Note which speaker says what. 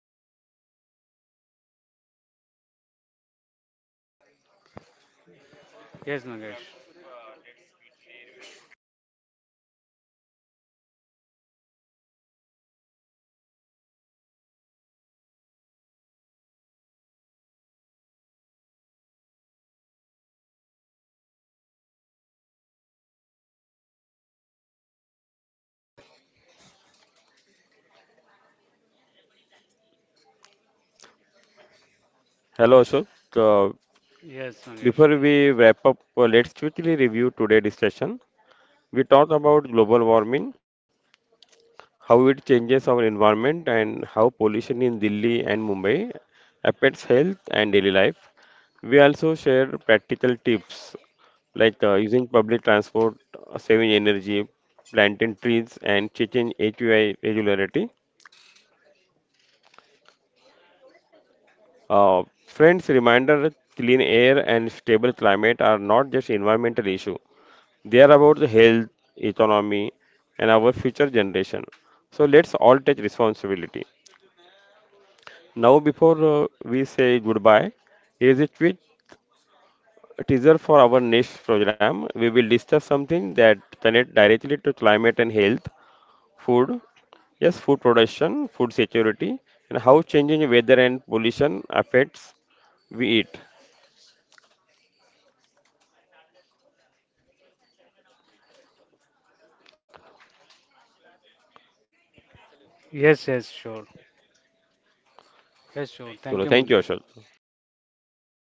Speaker 1: Yes, Mangesh.
Speaker 2: Hello, Ashok. Uh,
Speaker 1: Yes, Mangesh.
Speaker 2: Before we wrap up, let's quickly review today's discussion. We talked about global warming, how it changes our environment, and how pollution in Delhi and Mumbai affects health and daily life. We also shared practical tips like using public transport, saving energy, planting trees, and checking AQI regularity. Friends, reminder clean air and stable climate are not just environmental issue. They are about the health, economy, and our future generation. So let's all take responsibility. Now, before we say goodbye, here is a tweet teaser for our next program. We will discuss something that connects directly to climate and health, food, yes, food production, food security, and how changing weather and pollution affects we eat.
Speaker 1: Yes, yes, sure. Yes, sure.
Speaker 2: So, thank
Speaker 1: Thank
Speaker 2: you,
Speaker 1: you,
Speaker 2: Ashok.
Speaker 1: Mangesh. Yes.